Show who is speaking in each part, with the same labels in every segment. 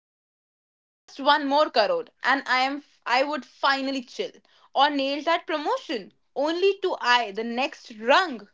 Speaker 1: Thinking, just one more crore and I would finally chill, or nail that promotion, only to eye the next rung?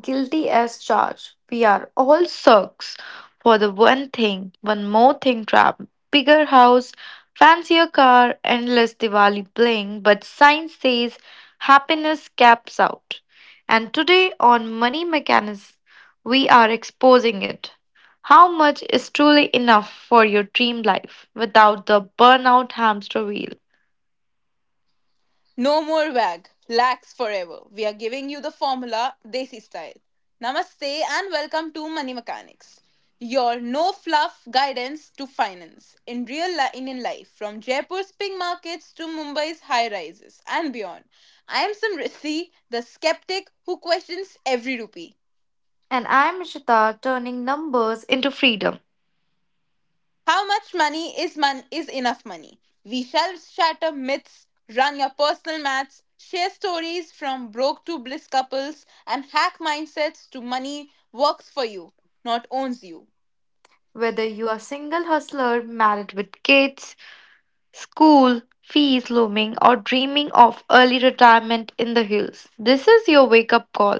Speaker 2: Guilty as charged. We are all sucks for the one thing, one more thing trap. Bigger house, fancier car, endless Diwali bling, but science says happiness caps out. And today on Money Mechanics, we are exposing it. How much is truly enough for your dream life without the burnout hamster wheel?
Speaker 1: No more wag, lax forever. We are giving you the formula, Desi style. Namaste and welcome to Money Mechanics, your no fluff guidance to finance in in life, from Jaipur's pink markets to Mumbai's high rises and beyond. I am Samriddhi, the skeptic who questions every rupee.
Speaker 2: And I'm Ishita, turning numbers into freedom.
Speaker 1: How much money is enough money? We shall shatter myths, run your personal maths, share stories from broke to bliss couples, and hack mindsets to money works for you, not owns you.
Speaker 2: Whether you are single hustler, married with kids, school, fees looming, or dreaming of early retirement in the hills, this is your wake up call.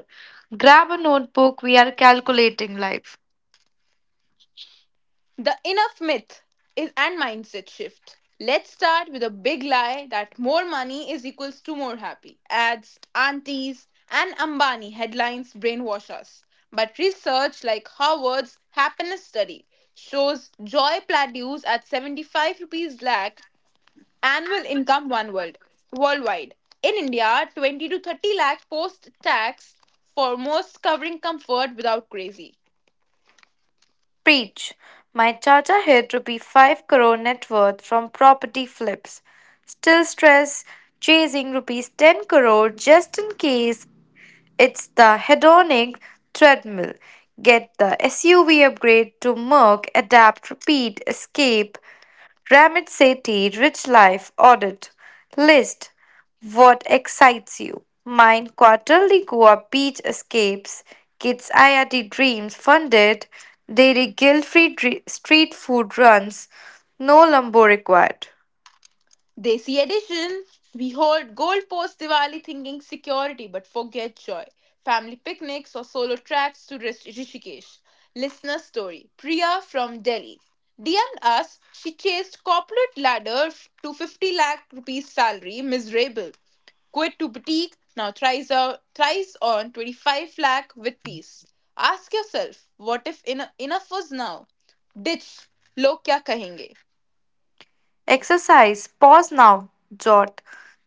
Speaker 2: Grab a notebook, we are calculating life.
Speaker 1: The enough myth is and mindset shift. Let's start with a big lie that more money is equals to more happy. Ads, aunties, and Ambani headlines brainwash us. But research like Harvard's happiness study shows joy plateaus at 75 rupees lakh annual income one world worldwide. In India, 20 to 30 lakh post tax for most covering comfort without crazy.
Speaker 2: Preach. My Chacha hit rupee 5 crore net worth from property flips. Still stress, chasing rupees 10 crore just in case. It's the hedonic treadmill. Get the SUV upgrade to Merc, Adapt, Repeat, Escape, Ramit Sethi, Rich Life, Audit. List what excites you? Mine, quarterly Goa beach escapes, kids' IRT dreams funded, daily guilt free street food runs, no lumbo required.
Speaker 1: Desi edition. We hold gold post Diwali thinking security but forget joy. Family picnics or solo tracks to Rishikesh. Listener story Priya from Delhi DM'd us. She chased corporate ladder to 50 lakh rupees salary, miserable. Quit to boutique, now thrives on 25 lakh with peace. Ask yourself, what if enough was now? Ditch, log kya kahenge?
Speaker 2: Exercise pause now, jot.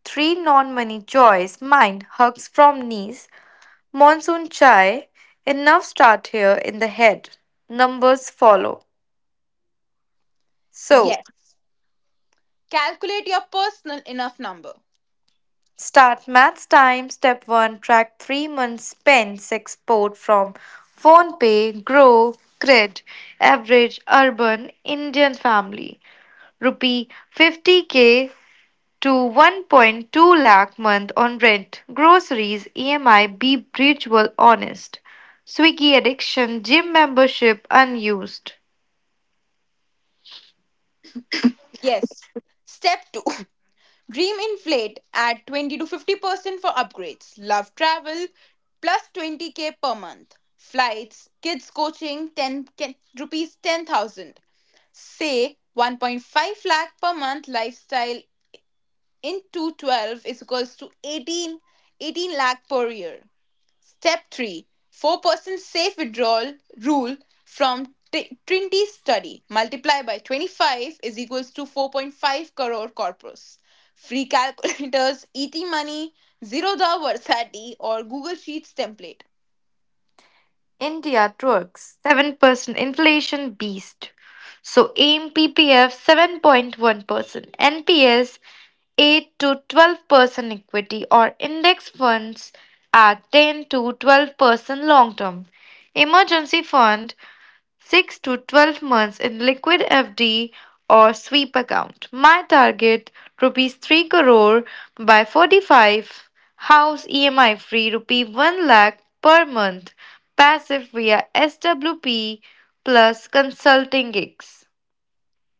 Speaker 2: Three non money joys. Mine, hugs from niece. Monsoon chai, enough start here in the head. Numbers follow. So,
Speaker 1: Yes. Calculate your personal enough number.
Speaker 2: start maths time, step 1, track 3 months spends export from PhonePe, Grow, Grid, average urban Indian family. Rupee 50k to 1.2 lakh month on rent, groceries, EMI, be spiritual honest. Swiggy addiction, gym membership unused.
Speaker 1: Yes. Step 2. Dream inflate at 20 to 50% for upgrades. Love travel plus 20K per month. Flights, kids coaching rupees 10,000. Say 1.5 lakh per month lifestyle into 12 is equals to eighteen lakh per year. Step 3. 4% safe withdrawal rule from Trinity study. Multiply by 25 is equals to 4.5 crore corpus. Free calculators, ET Money, Zerodha Versati, or Google Sheets template.
Speaker 2: India trucks 7% inflation beast. So AIM PPF 7.1%, NPS 8 to 12% equity or index funds at 10 to 12% long term. Emergency fund 6 to 12 months in liquid FD or sweep account. My target rupees 3 crore by 45, house EMI free, rupee 1 lakh per month passive via SWP plus consulting gigs.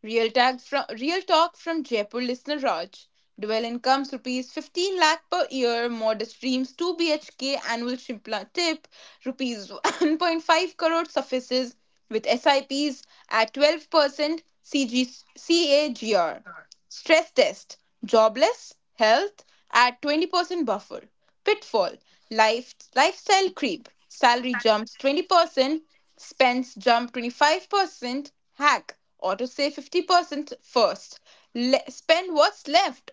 Speaker 1: Real talk from Jaipur listener Raj. Dual incomes rupees 15 lakh per year, modest dreams 2 BHK annual Shimpla tip, rupees 1.5 crore suffices with SIPs at 12% CGCAGR. Stress test jobless, health at 20% buffer. Pitfall lifestyle creep, salary jumps 20%, spends jump 25%, hack, auto save 50% first, spend what's left.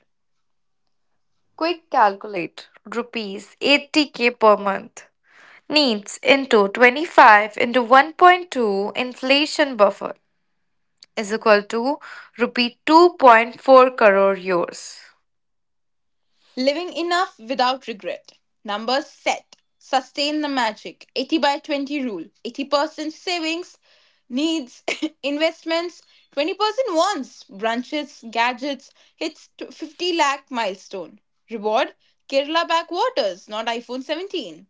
Speaker 2: Quick calculate rupees 80k per month needs into 25 into 1.2 inflation buffer is equal to rupee 2.4 crore euros.
Speaker 1: Living enough without regret. Numbers set. Sustain the magic. 80 by 20 rule. 80% savings, needs, investments, 20% wants, brunches, gadgets, hits to 50 lakh milestone. Reward Kerala backwaters, not iPhone 17.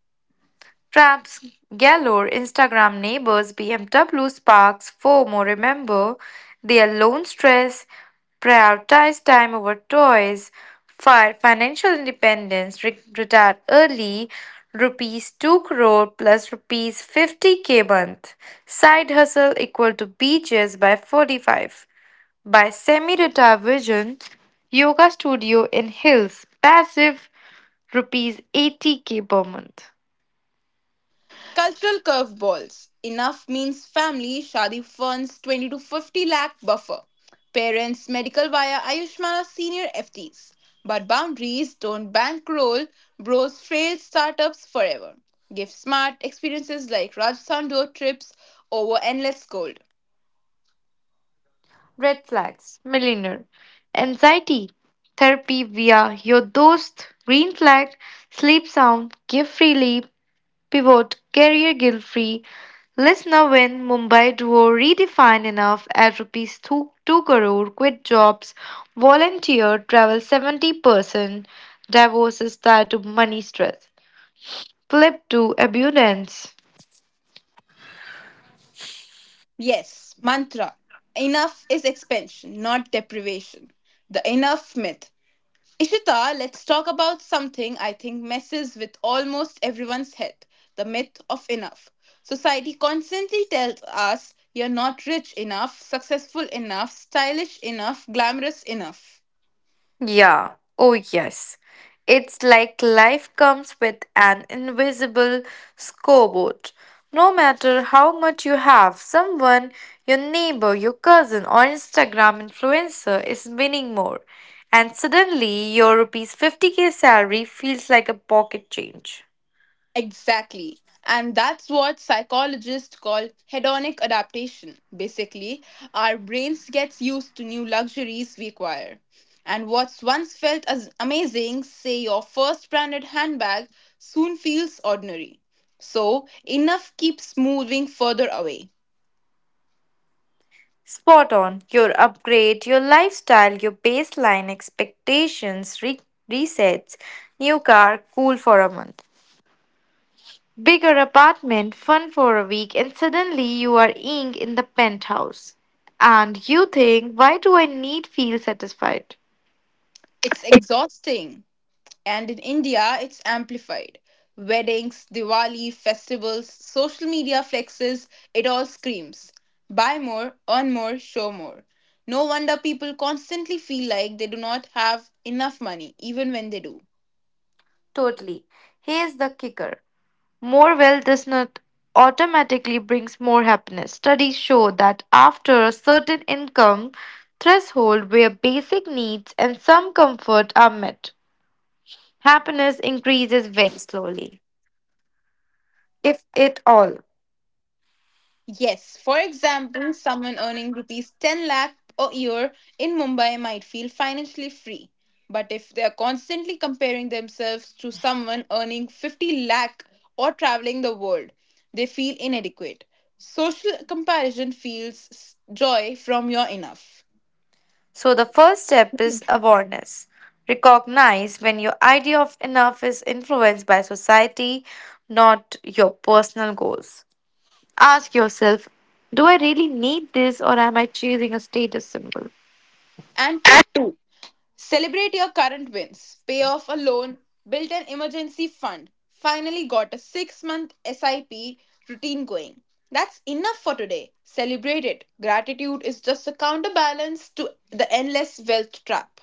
Speaker 2: Traps galore, Instagram neighbors, BMW sparks FOMO. Remember their loan stress, prioritize time over toys, financial independence, retire early, rupees 2 crore plus rupees 50k month. Side hustle equal to beaches by 45. By semi retire vision, yoga studio in hills, passive rupees 80k per month.
Speaker 1: Cultural curveballs. Enough means family. Shadi funds 20 to 50 lakh buffer. Parents medical via Ayushmana senior FTs. But boundaries don't bankroll bros frail startups forever. Give smart experiences like Rajasthan road trips over endless cold.
Speaker 2: Red flags, millionaire. Anxiety, therapy via your dost. Green flag, sleep sound, give freely, pivot, career guilt free. Listener win, Mumbai duo redefine enough at rupees 2, 2 crore, quit jobs, volunteer, travel 70%, divorce is tied to money stress. Flip to abundance.
Speaker 1: Yes, mantra. Enough is expansion, not deprivation. The enough myth. Ishita, let's talk about something I think messes with almost everyone's head, the myth of enough. Society constantly tells us you're not rich enough, successful enough, stylish enough, glamorous enough.
Speaker 2: Yeah, oh yes. It's like life comes with an invisible scoreboard. No matter how much you have, someone, your neighbor, your cousin, or Instagram influencer is winning more. And suddenly, your rupees 50k salary feels like a pocket change.
Speaker 1: Exactly. And that's what psychologists call hedonic adaptation. Basically, our brains gets used to new luxuries we acquire. And what's once felt as amazing, say your first branded handbag, soon feels ordinary. So, enough keeps moving further away.
Speaker 2: Spot on. Your upgrade, your lifestyle, your baseline expectations resets. New car, cool for a month. Bigger apartment, fun for a week, and suddenly you are ing in the penthouse. And you think, why do I need feel satisfied?
Speaker 1: It's exhausting. And in India, it's amplified. Weddings, Diwali, festivals, social media flexes, it all screams. Buy more, earn more, show more. No wonder people constantly feel like they do not have enough money, even when they do.
Speaker 2: Totally. Here's the kicker. More wealth does not automatically brings more happiness. Studies show that after a certain income threshold where basic needs and some comfort are met, happiness increases very slowly, if at all.
Speaker 1: Yes, for example, someone earning rupees 10 lakh a year in Mumbai might feel financially free. But if they are constantly comparing themselves to someone earning 50 lakh or traveling the world, they feel inadequate. Social comparison feels joy from your enough.
Speaker 2: So, the first step is awareness. Recognize when your idea of enough is influenced by society, not your personal goals. Ask yourself, do I really need this or am I chasing a status symbol?
Speaker 1: And tip 2. Celebrate your current wins. Pay off a loan, built an emergency fund, finally got a 6 month SIP routine going. That's enough for today. Celebrate it. Gratitude is just a counterbalance to the endless wealth trap.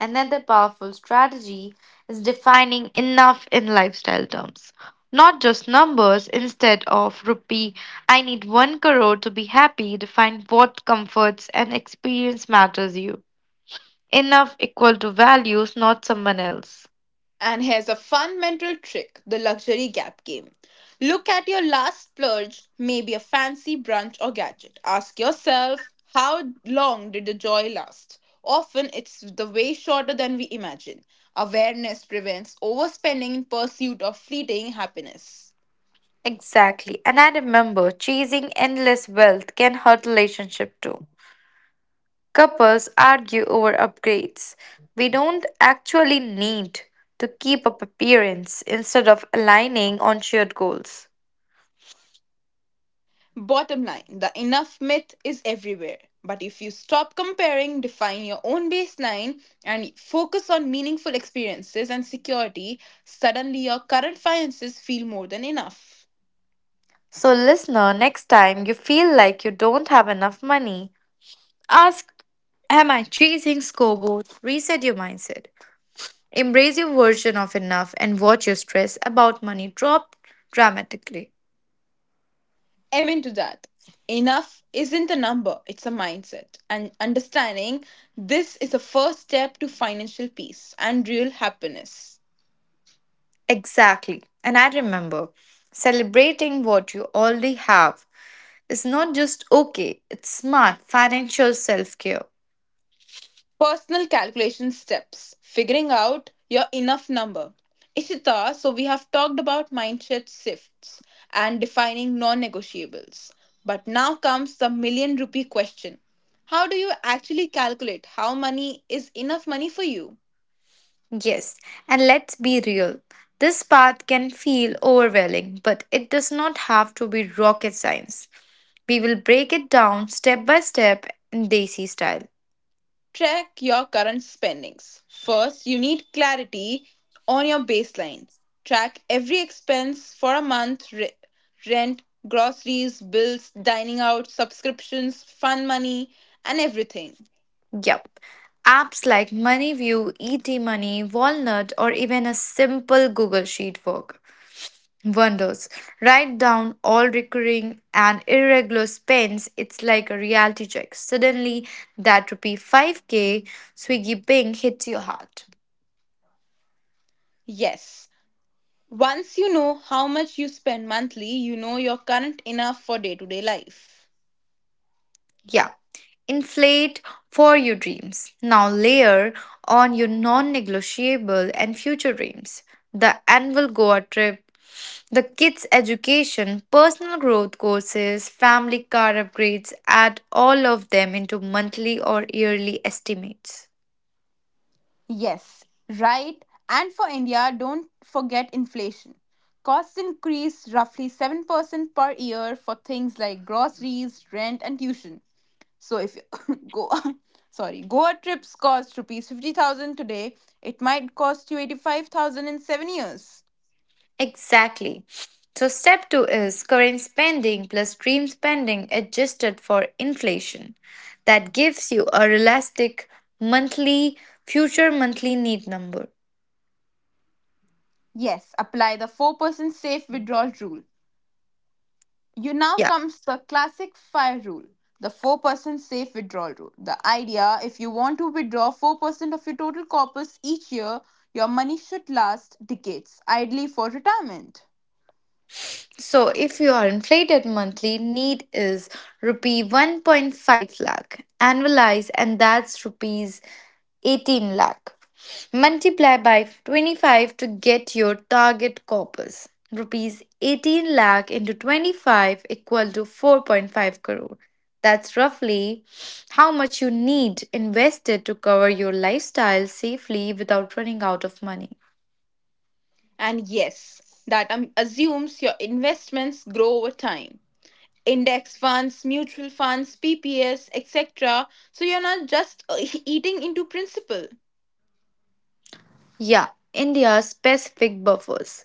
Speaker 2: Another powerful strategy is defining enough in lifestyle terms. Not just numbers, instead of rupee, I need 1 crore to be happy, define what comforts and experience matters you. Enough equal to values, not someone else.
Speaker 1: And here's a fun mental trick, the luxury gap game. Look at your last splurge, maybe a fancy brunch or gadget. Ask yourself, how long did the joy last? Often it's the way shorter than we imagine. Awareness prevents overspending in pursuit of fleeting happiness.
Speaker 2: Exactly. And I remember chasing endless wealth can hurt relationship too. Couples argue over upgrades we don't actually need to keep up appearance instead of aligning on shared goals.
Speaker 1: Bottom line, the enough myth is everywhere. But if you stop comparing, define your own baseline, and focus on meaningful experiences and security, suddenly your current finances feel more than enough.
Speaker 2: So listener, next time you feel like you don't have enough money, ask, am I chasing scoreboard? Reset your mindset. Embrace your version of enough and watch your stress about money drop dramatically.
Speaker 1: Amen to that. Enough isn't a number, it's a mindset. And understanding this is a first step to financial peace and real happiness.
Speaker 2: Exactly. And I remember celebrating what you already have is not just okay, it's smart financial self care.
Speaker 1: Personal calculation steps, figuring out your enough number. Ishita, so we have talked about mindset shifts and defining non negotiables. But now comes the million rupee question. How do you actually calculate how money is enough money for you?
Speaker 2: Yes, and let's be real. This path can feel overwhelming, but it does not have to be rocket science. We will break it down step by step in Desi style.
Speaker 1: Track your current spendings. First, you need clarity on your baseline. Track every expense for a month, rent, groceries, bills, dining out, subscriptions, fun money, and everything.
Speaker 2: Yep. Apps like MoneyView, ET Money, Walnut, or even a simple Google Sheet work. Wonders. Write down all recurring and irregular spends. It's like a reality check. Suddenly, that rupee 5k Swiggy Bing hits your heart.
Speaker 1: Yes, once you know how much you spend monthly, you know you're current enough for day to day life.
Speaker 2: Yeah. Inflate for your dreams. Now layer on your non negotiable and future dreams. The annual Goa trip, the kids' education, personal growth courses, family car upgrades, add all of them into monthly or yearly estimates.
Speaker 1: Yes, right. And for India, don't forget inflation. Costs increase roughly 7% per year for things like groceries, rent, and tuition. So if you go, sorry, Goa trips cost rupees 50,000 today, it might cost you 85,000 in 7 years.
Speaker 2: Exactly. So, step two is current spending plus dream spending adjusted for inflation. That gives you a realistic monthly, future monthly need number.
Speaker 1: Yes, apply the 4% safe withdrawal rule. You now
Speaker 2: Yeah.
Speaker 1: comes the classic FIRE rule, the 4% safe withdrawal rule. The idea, if you want to withdraw 4% of your total corpus each year, your money should last decades, ideally for retirement.
Speaker 2: So if you are inflated monthly need is rupee 1.5 lakh annualized and that's rupees 18 lakh. Multiply by 25 to get your target corpus. Rupees 18 lakh into 25 equal to 4.5 crore. That's roughly how much you need invested to cover your lifestyle safely without running out of money.
Speaker 1: And yes, that assumes your investments grow over time. Index funds, mutual funds, PPS, etc. So you're not just eating into principal.
Speaker 2: Yeah, India specific buffers.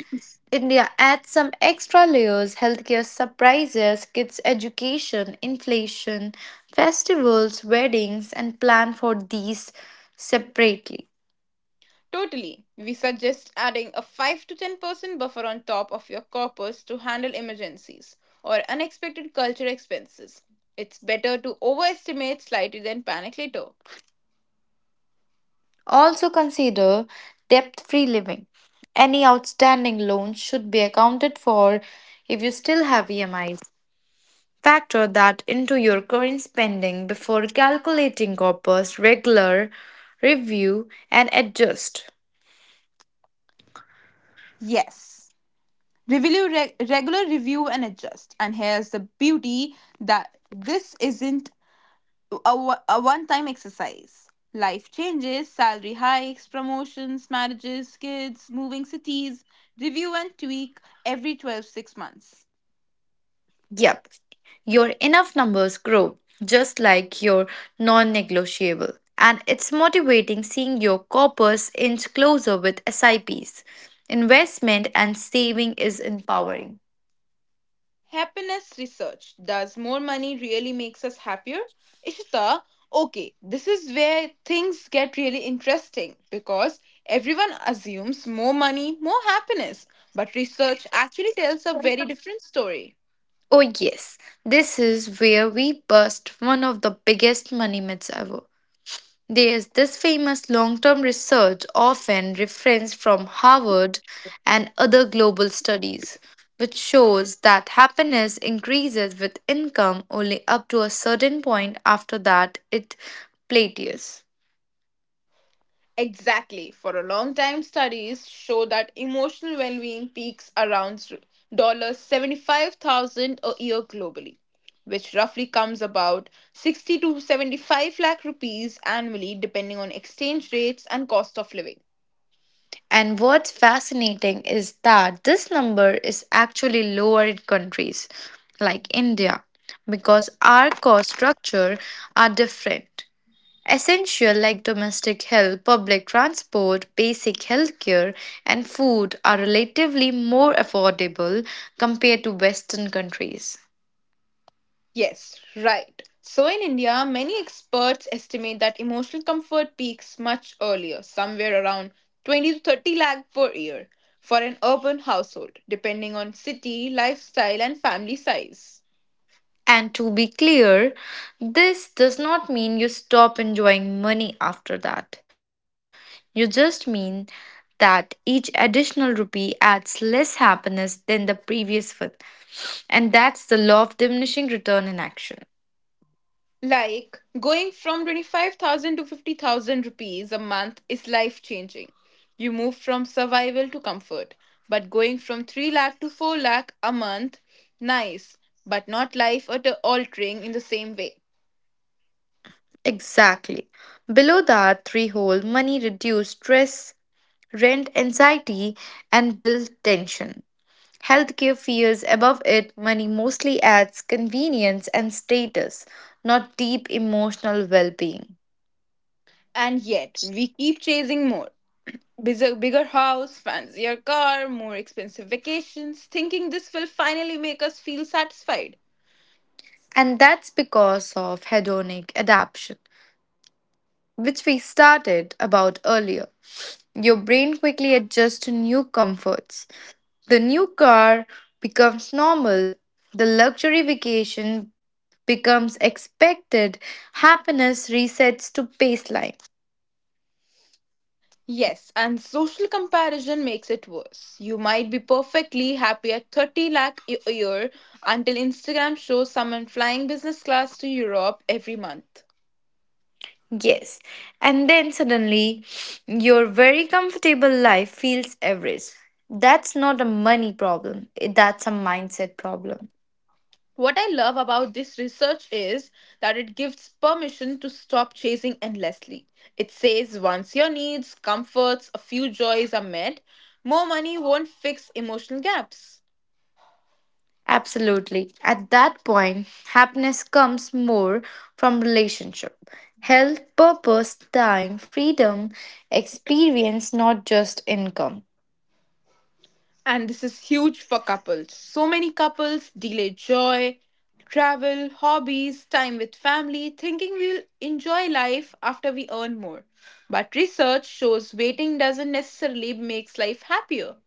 Speaker 2: India adds some extra layers, healthcare surprises, kids' education, inflation, festivals, weddings, and plan for these separately.
Speaker 1: Totally. We suggest adding a 5 to 10% buffer on top of your corpus to handle emergencies or unexpected culture expenses. It's better to overestimate slightly than panic later.
Speaker 2: Also consider debt free living. Any outstanding loans should be accounted for if you still have EMIs. Factor that into your current spending before calculating corpus regular review and adjust.
Speaker 1: Yes. Regular review and adjust. And here's the beauty that this isn't a one time exercise. Life changes, salary hikes, promotions, marriages, kids, moving cities, review and tweak every twelve six months.
Speaker 2: Yep, your enough numbers grow just like your non negotiable. And it's motivating seeing your corpus inch closer with SIPs. Investment and saving is empowering.
Speaker 1: Happiness research. Does more money really makes us happier? Ishita, okay, this is where things get really interesting because everyone assumes more money, more happiness, but research actually tells a very different story.
Speaker 2: Oh, yes, this is where we bust one of the biggest money myths ever. There's this famous long term research, often referenced from Harvard and other global studies, which shows that happiness increases with income only up to a certain point, after that it plateaus.
Speaker 1: Exactly. For a long time, studies show that emotional well being peaks around $75,000 a year globally, which roughly comes about 60 to 75 lakh rupees annually, depending on exchange rates and cost of living.
Speaker 2: And what's fascinating is that this number is actually lower in countries like India because our cost structure are different. Essential like domestic help, public transport, basic healthcare, and food are relatively more affordable compared to Western countries.
Speaker 1: Yes, right. So in India, many experts estimate that emotional comfort peaks much earlier, somewhere around 20 to 30 lakh per year for an urban household, depending on city, lifestyle, and family size.
Speaker 2: And to be clear, this does not mean you stop enjoying money after that. You just mean that each additional rupee adds less happiness than the previous one. And that's the law of diminishing return in action.
Speaker 1: Like going from 25,000 to 50,000 rupees a month is life changing. You move from survival to comfort, but going from 3 lakh to 4 lakh a month, nice, but not life altering in the same way.
Speaker 2: Exactly. Below that threshold, money reduces stress, rent anxiety, and bill tension. Healthcare fears above it, money mostly adds convenience and status, not deep emotional well being.
Speaker 1: And yet, we keep chasing more. Bigger house, fancier car, more expensive vacations, thinking this will finally make us feel satisfied.
Speaker 2: And that's because of hedonic adaptation, which we started about earlier. Your brain quickly adjusts to new comforts. The new car becomes normal, the luxury vacation becomes expected, happiness resets to baseline.
Speaker 1: Yes, and social comparison makes it worse. You might be perfectly happy at 30 lakh a year until Instagram shows someone flying business class to Europe every month.
Speaker 2: Yes, and then suddenly your very comfortable life feels average. That's not a money problem, that's a mindset problem.
Speaker 1: What I love about this research is that it gives permission to stop chasing endlessly. It says once your needs, comforts, a few joys are met, more money won't fix emotional gaps.
Speaker 2: Absolutely. At that point, happiness comes more from relationship, health, purpose, time, freedom, experience, not just income.
Speaker 1: And this is huge for couples. So many couples delay joy, travel, hobbies, time with family, thinking we'll enjoy life after we earn more. But research shows waiting doesn't necessarily makes life happier.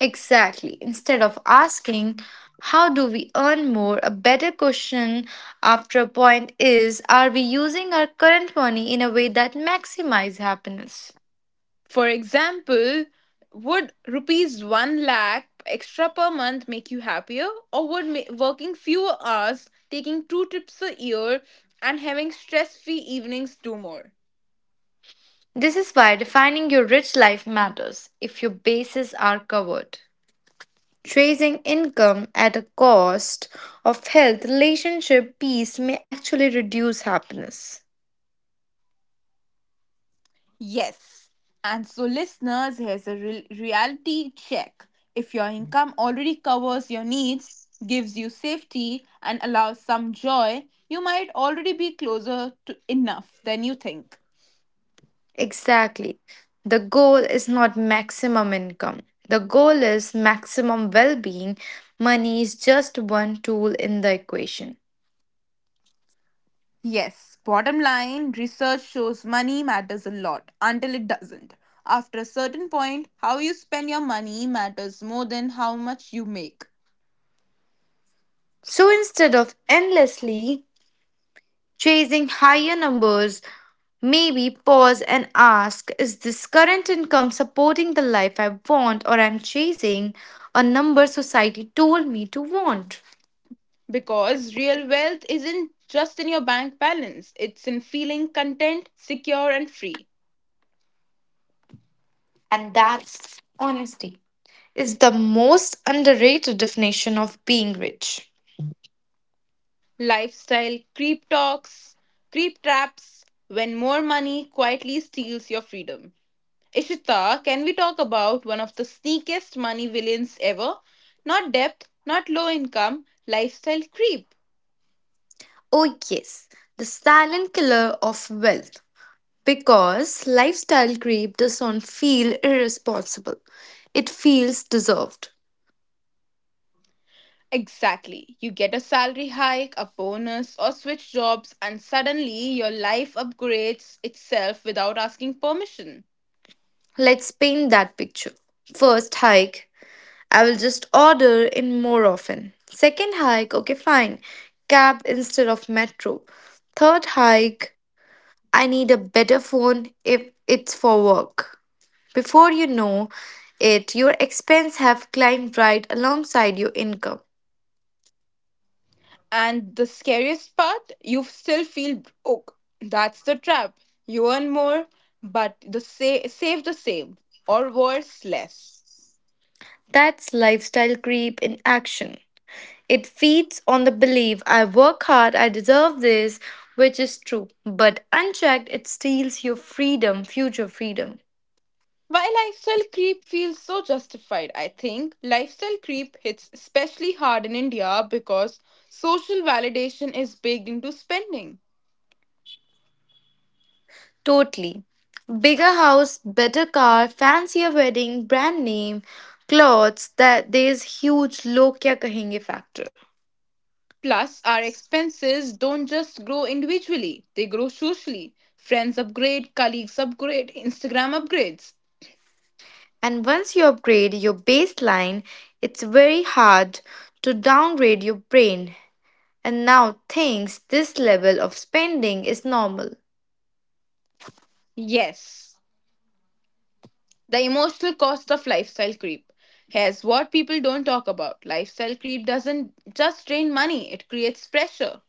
Speaker 2: Exactly. Instead of asking, how do we earn more? A better question after a point is, are we using our current money in a way that maximizes happiness?
Speaker 1: For example, would rupees 1 lakh extra per month make you happier? Or would working fewer hours, taking two trips a year, and having stress free evenings do more?
Speaker 2: This is why defining your rich life matters if your bases are covered. Tracing income at a cost of health, relationship, peace may actually reduce happiness.
Speaker 1: Yes. And so, listeners, here's a reality check. If your income already covers your needs, gives you safety, and allows some joy, you might already be closer to enough than you think.
Speaker 2: Exactly. The goal is not maximum income. The goal is maximum well being. Money is just one tool in the equation.
Speaker 1: Yes, bottom line, research shows money matters a lot until it doesn't. After a certain point, how you spend your money matters more than how much you make.
Speaker 2: So instead of endlessly chasing higher numbers, maybe pause and ask, is this current income supporting the life I want, or I'm chasing a number society told me to want?
Speaker 1: Because real wealth isn't just in your bank balance, it's in feeling content, secure, and free.
Speaker 2: And that's honesty, is the most underrated definition of being rich.
Speaker 1: Lifestyle creep talks, creep traps, when more money quietly steals your freedom. Ishita, can we talk about one of the sneakiest money villains ever? Not depth, not low income, lifestyle creep.
Speaker 2: Oh, yes, the silent killer of wealth. Because lifestyle creep doesn't feel irresponsible, it feels deserved.
Speaker 1: Exactly. You get a salary hike, a bonus, or switch jobs, and suddenly your life upgrades itself without asking permission.
Speaker 2: Let's paint that picture. First hike, I will just order in more often. Second hike, okay, fine, cab instead of metro. Third hike, I need a better phone if it's for work. Before you know it, your expense have climbed right alongside your income.
Speaker 1: And the scariest part, you still feel broke. That's the trap. You earn more, but the save the same, or worse, less.
Speaker 2: That's lifestyle creep in action. It feeds on the belief I work hard, I deserve this, which is true. But unchecked, it steals your freedom, future freedom.
Speaker 1: While lifestyle creep feels so justified, I think lifestyle creep hits especially hard in India because social validation is baked into spending.
Speaker 2: Totally. Bigger house, better car, fancier wedding, brand name, clothes, that there's huge log kya kahenge factor.
Speaker 1: Plus, our expenses don't just grow individually, they grow socially. Friends upgrade, colleagues upgrade, Instagram upgrades.
Speaker 2: And once you upgrade your baseline, it's very hard to downgrade your brain. And now thinks this level of spending is normal.
Speaker 1: Yes, the emotional cost of lifestyle creep. Here's what people don't talk about lifestyle creep doesn't just drain money, it creates pressure.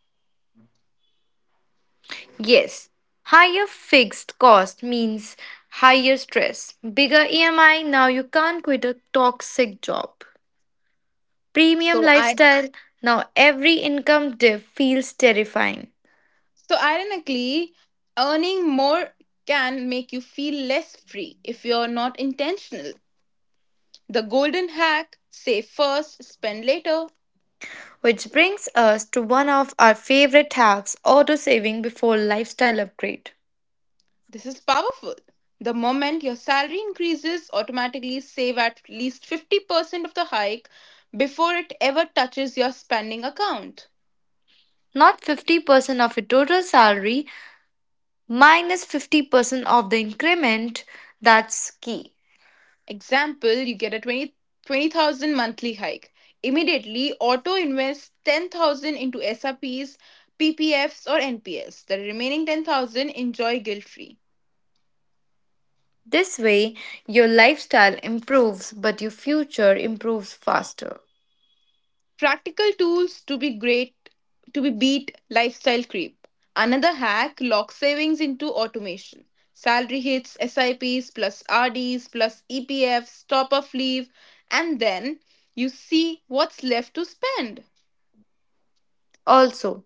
Speaker 2: Yes, higher fixed cost means higher stress, bigger EMI. Now you can't quit a toxic job. Premium
Speaker 1: So, I
Speaker 2: lifestyle. Now every income dip feels terrifying.
Speaker 1: So, ironically, earning more can make you feel less free if you're not intentional. The golden hack, save first, spend later.
Speaker 2: Which brings us to one of our favorite hacks, auto saving before lifestyle upgrade.
Speaker 1: This is powerful. The moment your salary increases, automatically save at least 50% of the hike before it ever touches your spending account.
Speaker 2: Not 50% of your total salary, 50% of the increment. That's key.
Speaker 1: Example, you get a 20,000 monthly hike. Immediately, auto invests 10,000 into SRPs, PPFs or NPS. The remaining 10,000 enjoy guilt-free.
Speaker 2: This way, your lifestyle improves, but your future improves faster.
Speaker 1: Practical tools to be beat lifestyle creep. Another hack, lock savings into automation. Salary hits, SIPs plus RDs plus EPFs, top of leave, and then you see what's left to spend.
Speaker 2: Also,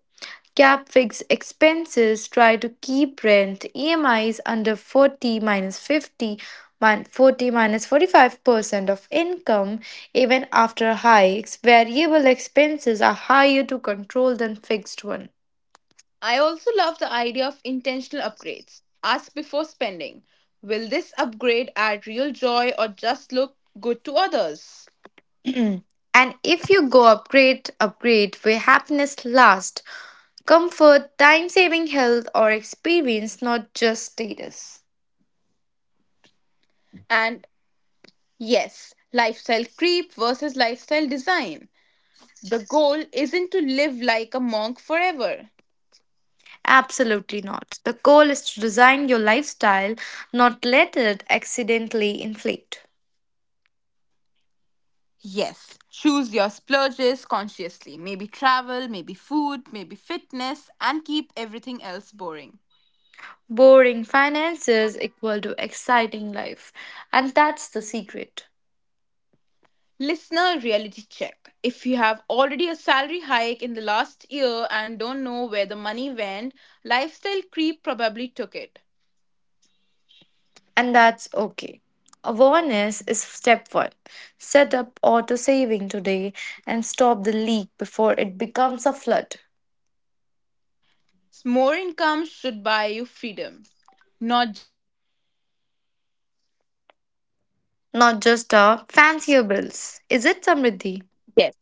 Speaker 2: cap fixed expenses, try to keep rent EMIs under 40 minus 50, 40 45% of income even after hikes. Variable expenses are higher to control than fixed one.
Speaker 1: I also love the idea of intentional upgrades. Ask before spending, will this upgrade add real joy or just look good to others?
Speaker 2: And if you go upgrade, upgrade where happiness lasts, comfort, time saving health, or experience, not just status.
Speaker 1: And yes, lifestyle creep versus lifestyle design. The goal isn't to live like a monk forever.
Speaker 2: Absolutely not. The goal is to design your lifestyle, not let it accidentally inflate.
Speaker 1: Yes, choose your splurges consciously. Maybe travel, maybe food, maybe fitness, and keep everything else boring.
Speaker 2: Boring finances equal to exciting life, and that's the secret.
Speaker 1: Listener reality check. If you have already a salary hike in the last year and don't know where the money went, lifestyle creep probably took it.
Speaker 2: And that's okay. Awareness is step one. Set up auto saving today and stop the leak before it becomes a flood.
Speaker 1: More income.
Speaker 2: Not just a fancier bills. Is it Samriddhi?
Speaker 1: Yes.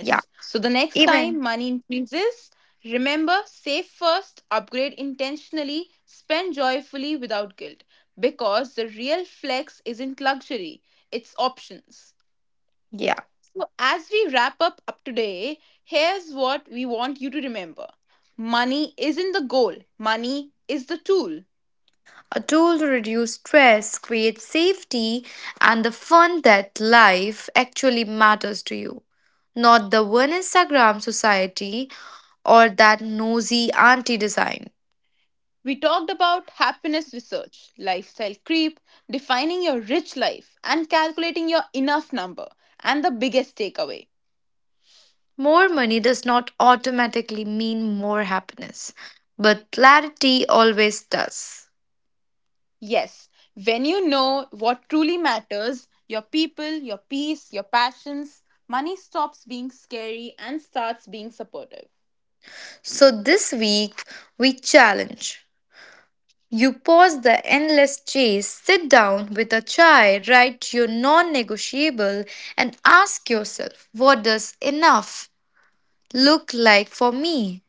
Speaker 2: Yeah,
Speaker 1: So the next time
Speaker 2: even,
Speaker 1: money increases, remember, save first, upgrade intentionally, spend joyfully without guilt. Because the real flex isn't luxury, it's options.
Speaker 2: yeah,
Speaker 1: So as we wrap up today, here's what we want you to remember. Money isn't the goal, money is the tool.
Speaker 2: a tool to reduce stress, create safety, and the fun that life actually matters to you. Not the one Instagram society or that nosy auntie design.
Speaker 1: We talked about happiness research, lifestyle creep, defining your rich life, and calculating your enough number. And the biggest takeaway,
Speaker 2: More money does not automatically mean more happiness, but clarity always does.
Speaker 1: yes, when you know what truly matters, your people, your peace, your passions, money stops being scary and starts being supportive.
Speaker 2: So this week, we challenge. You pause the endless chase, sit down with a chai, write your non negotiable, and ask yourself, what does enough look like for me?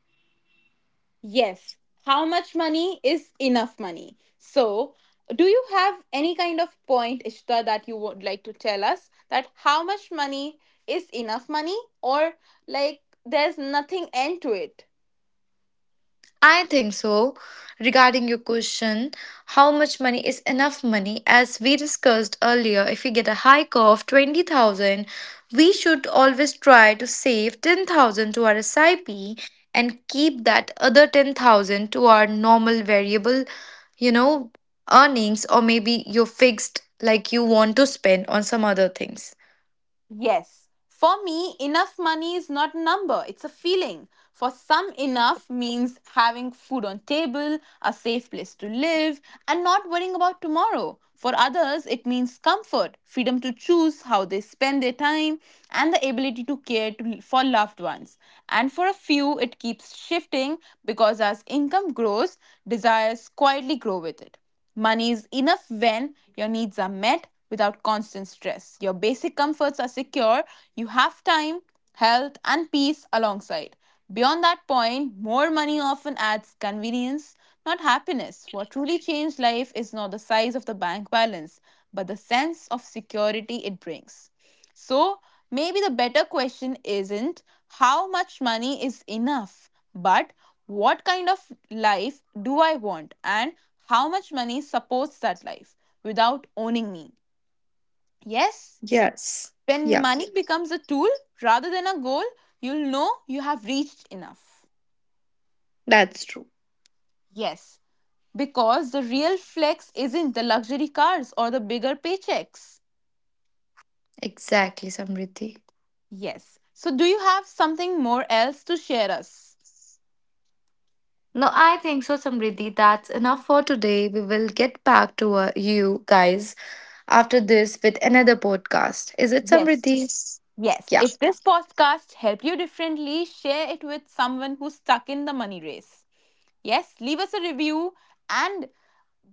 Speaker 1: Yes. How much money is enough money? So, do you have any kind of point, Ishita, that you would like to tell us, that how much money is enough money, or like there's nothing end to it?
Speaker 2: I think so. Regarding your question, how much money is enough money? As we discussed earlier, if we get a hike of 20,000, we should always try to save 10,000 to our SIP and keep that other 10,000 to our normal variable, you know, earnings or maybe your fixed like you want to spend on some other things.
Speaker 1: Yes. For me, enough money is not a number, it's a feeling. For some, enough means having food on table, a safe place to live, and not worrying about tomorrow. For others, it means comfort, freedom to choose how they spend their time, and the ability to care to, for loved ones. And for a few, it keeps shifting because as income grows, desires quietly grow with it. Money is enough when your needs are met without constant stress. Your basic comforts are secure. You have time, health, and peace alongside. Beyond that point, more money often adds convenience, not happiness. What truly changed life is not the size of the bank balance, but the sense of security it brings. So maybe the better question isn't how much money is enough, but what kind of life do I want and how much money supports that life without owning me. Yes,
Speaker 2: Yes.
Speaker 1: when
Speaker 2: Yeah,
Speaker 1: money becomes a tool rather than a goal, you'll know you have reached enough.
Speaker 2: that's true.
Speaker 1: Yes, because the real flex isn't the luxury cars or the bigger paychecks.
Speaker 2: Exactly, Samriddhi.
Speaker 1: Yes. So do you have something more else to share us?
Speaker 2: No, I think so, Samriddhi. That's enough for today. We will get back to you guys after this with another podcast. Is it
Speaker 1: Yes.
Speaker 2: Samriddhi?
Speaker 1: Yes,
Speaker 2: Yeah.
Speaker 1: if this podcast helped you differently, share it with someone who's stuck in the money race. Yes, leave us a review and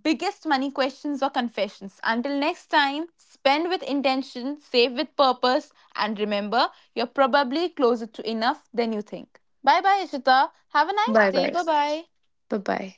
Speaker 1: biggest money questions or confessions. Until next time, spend with intention, save with purpose, and remember, you're probably closer to enough than you think. Bye bye, Ishita. Have a nice
Speaker 2: Bye
Speaker 1: day.
Speaker 2: bye.
Speaker 1: Bye bye.
Speaker 2: Bye bye.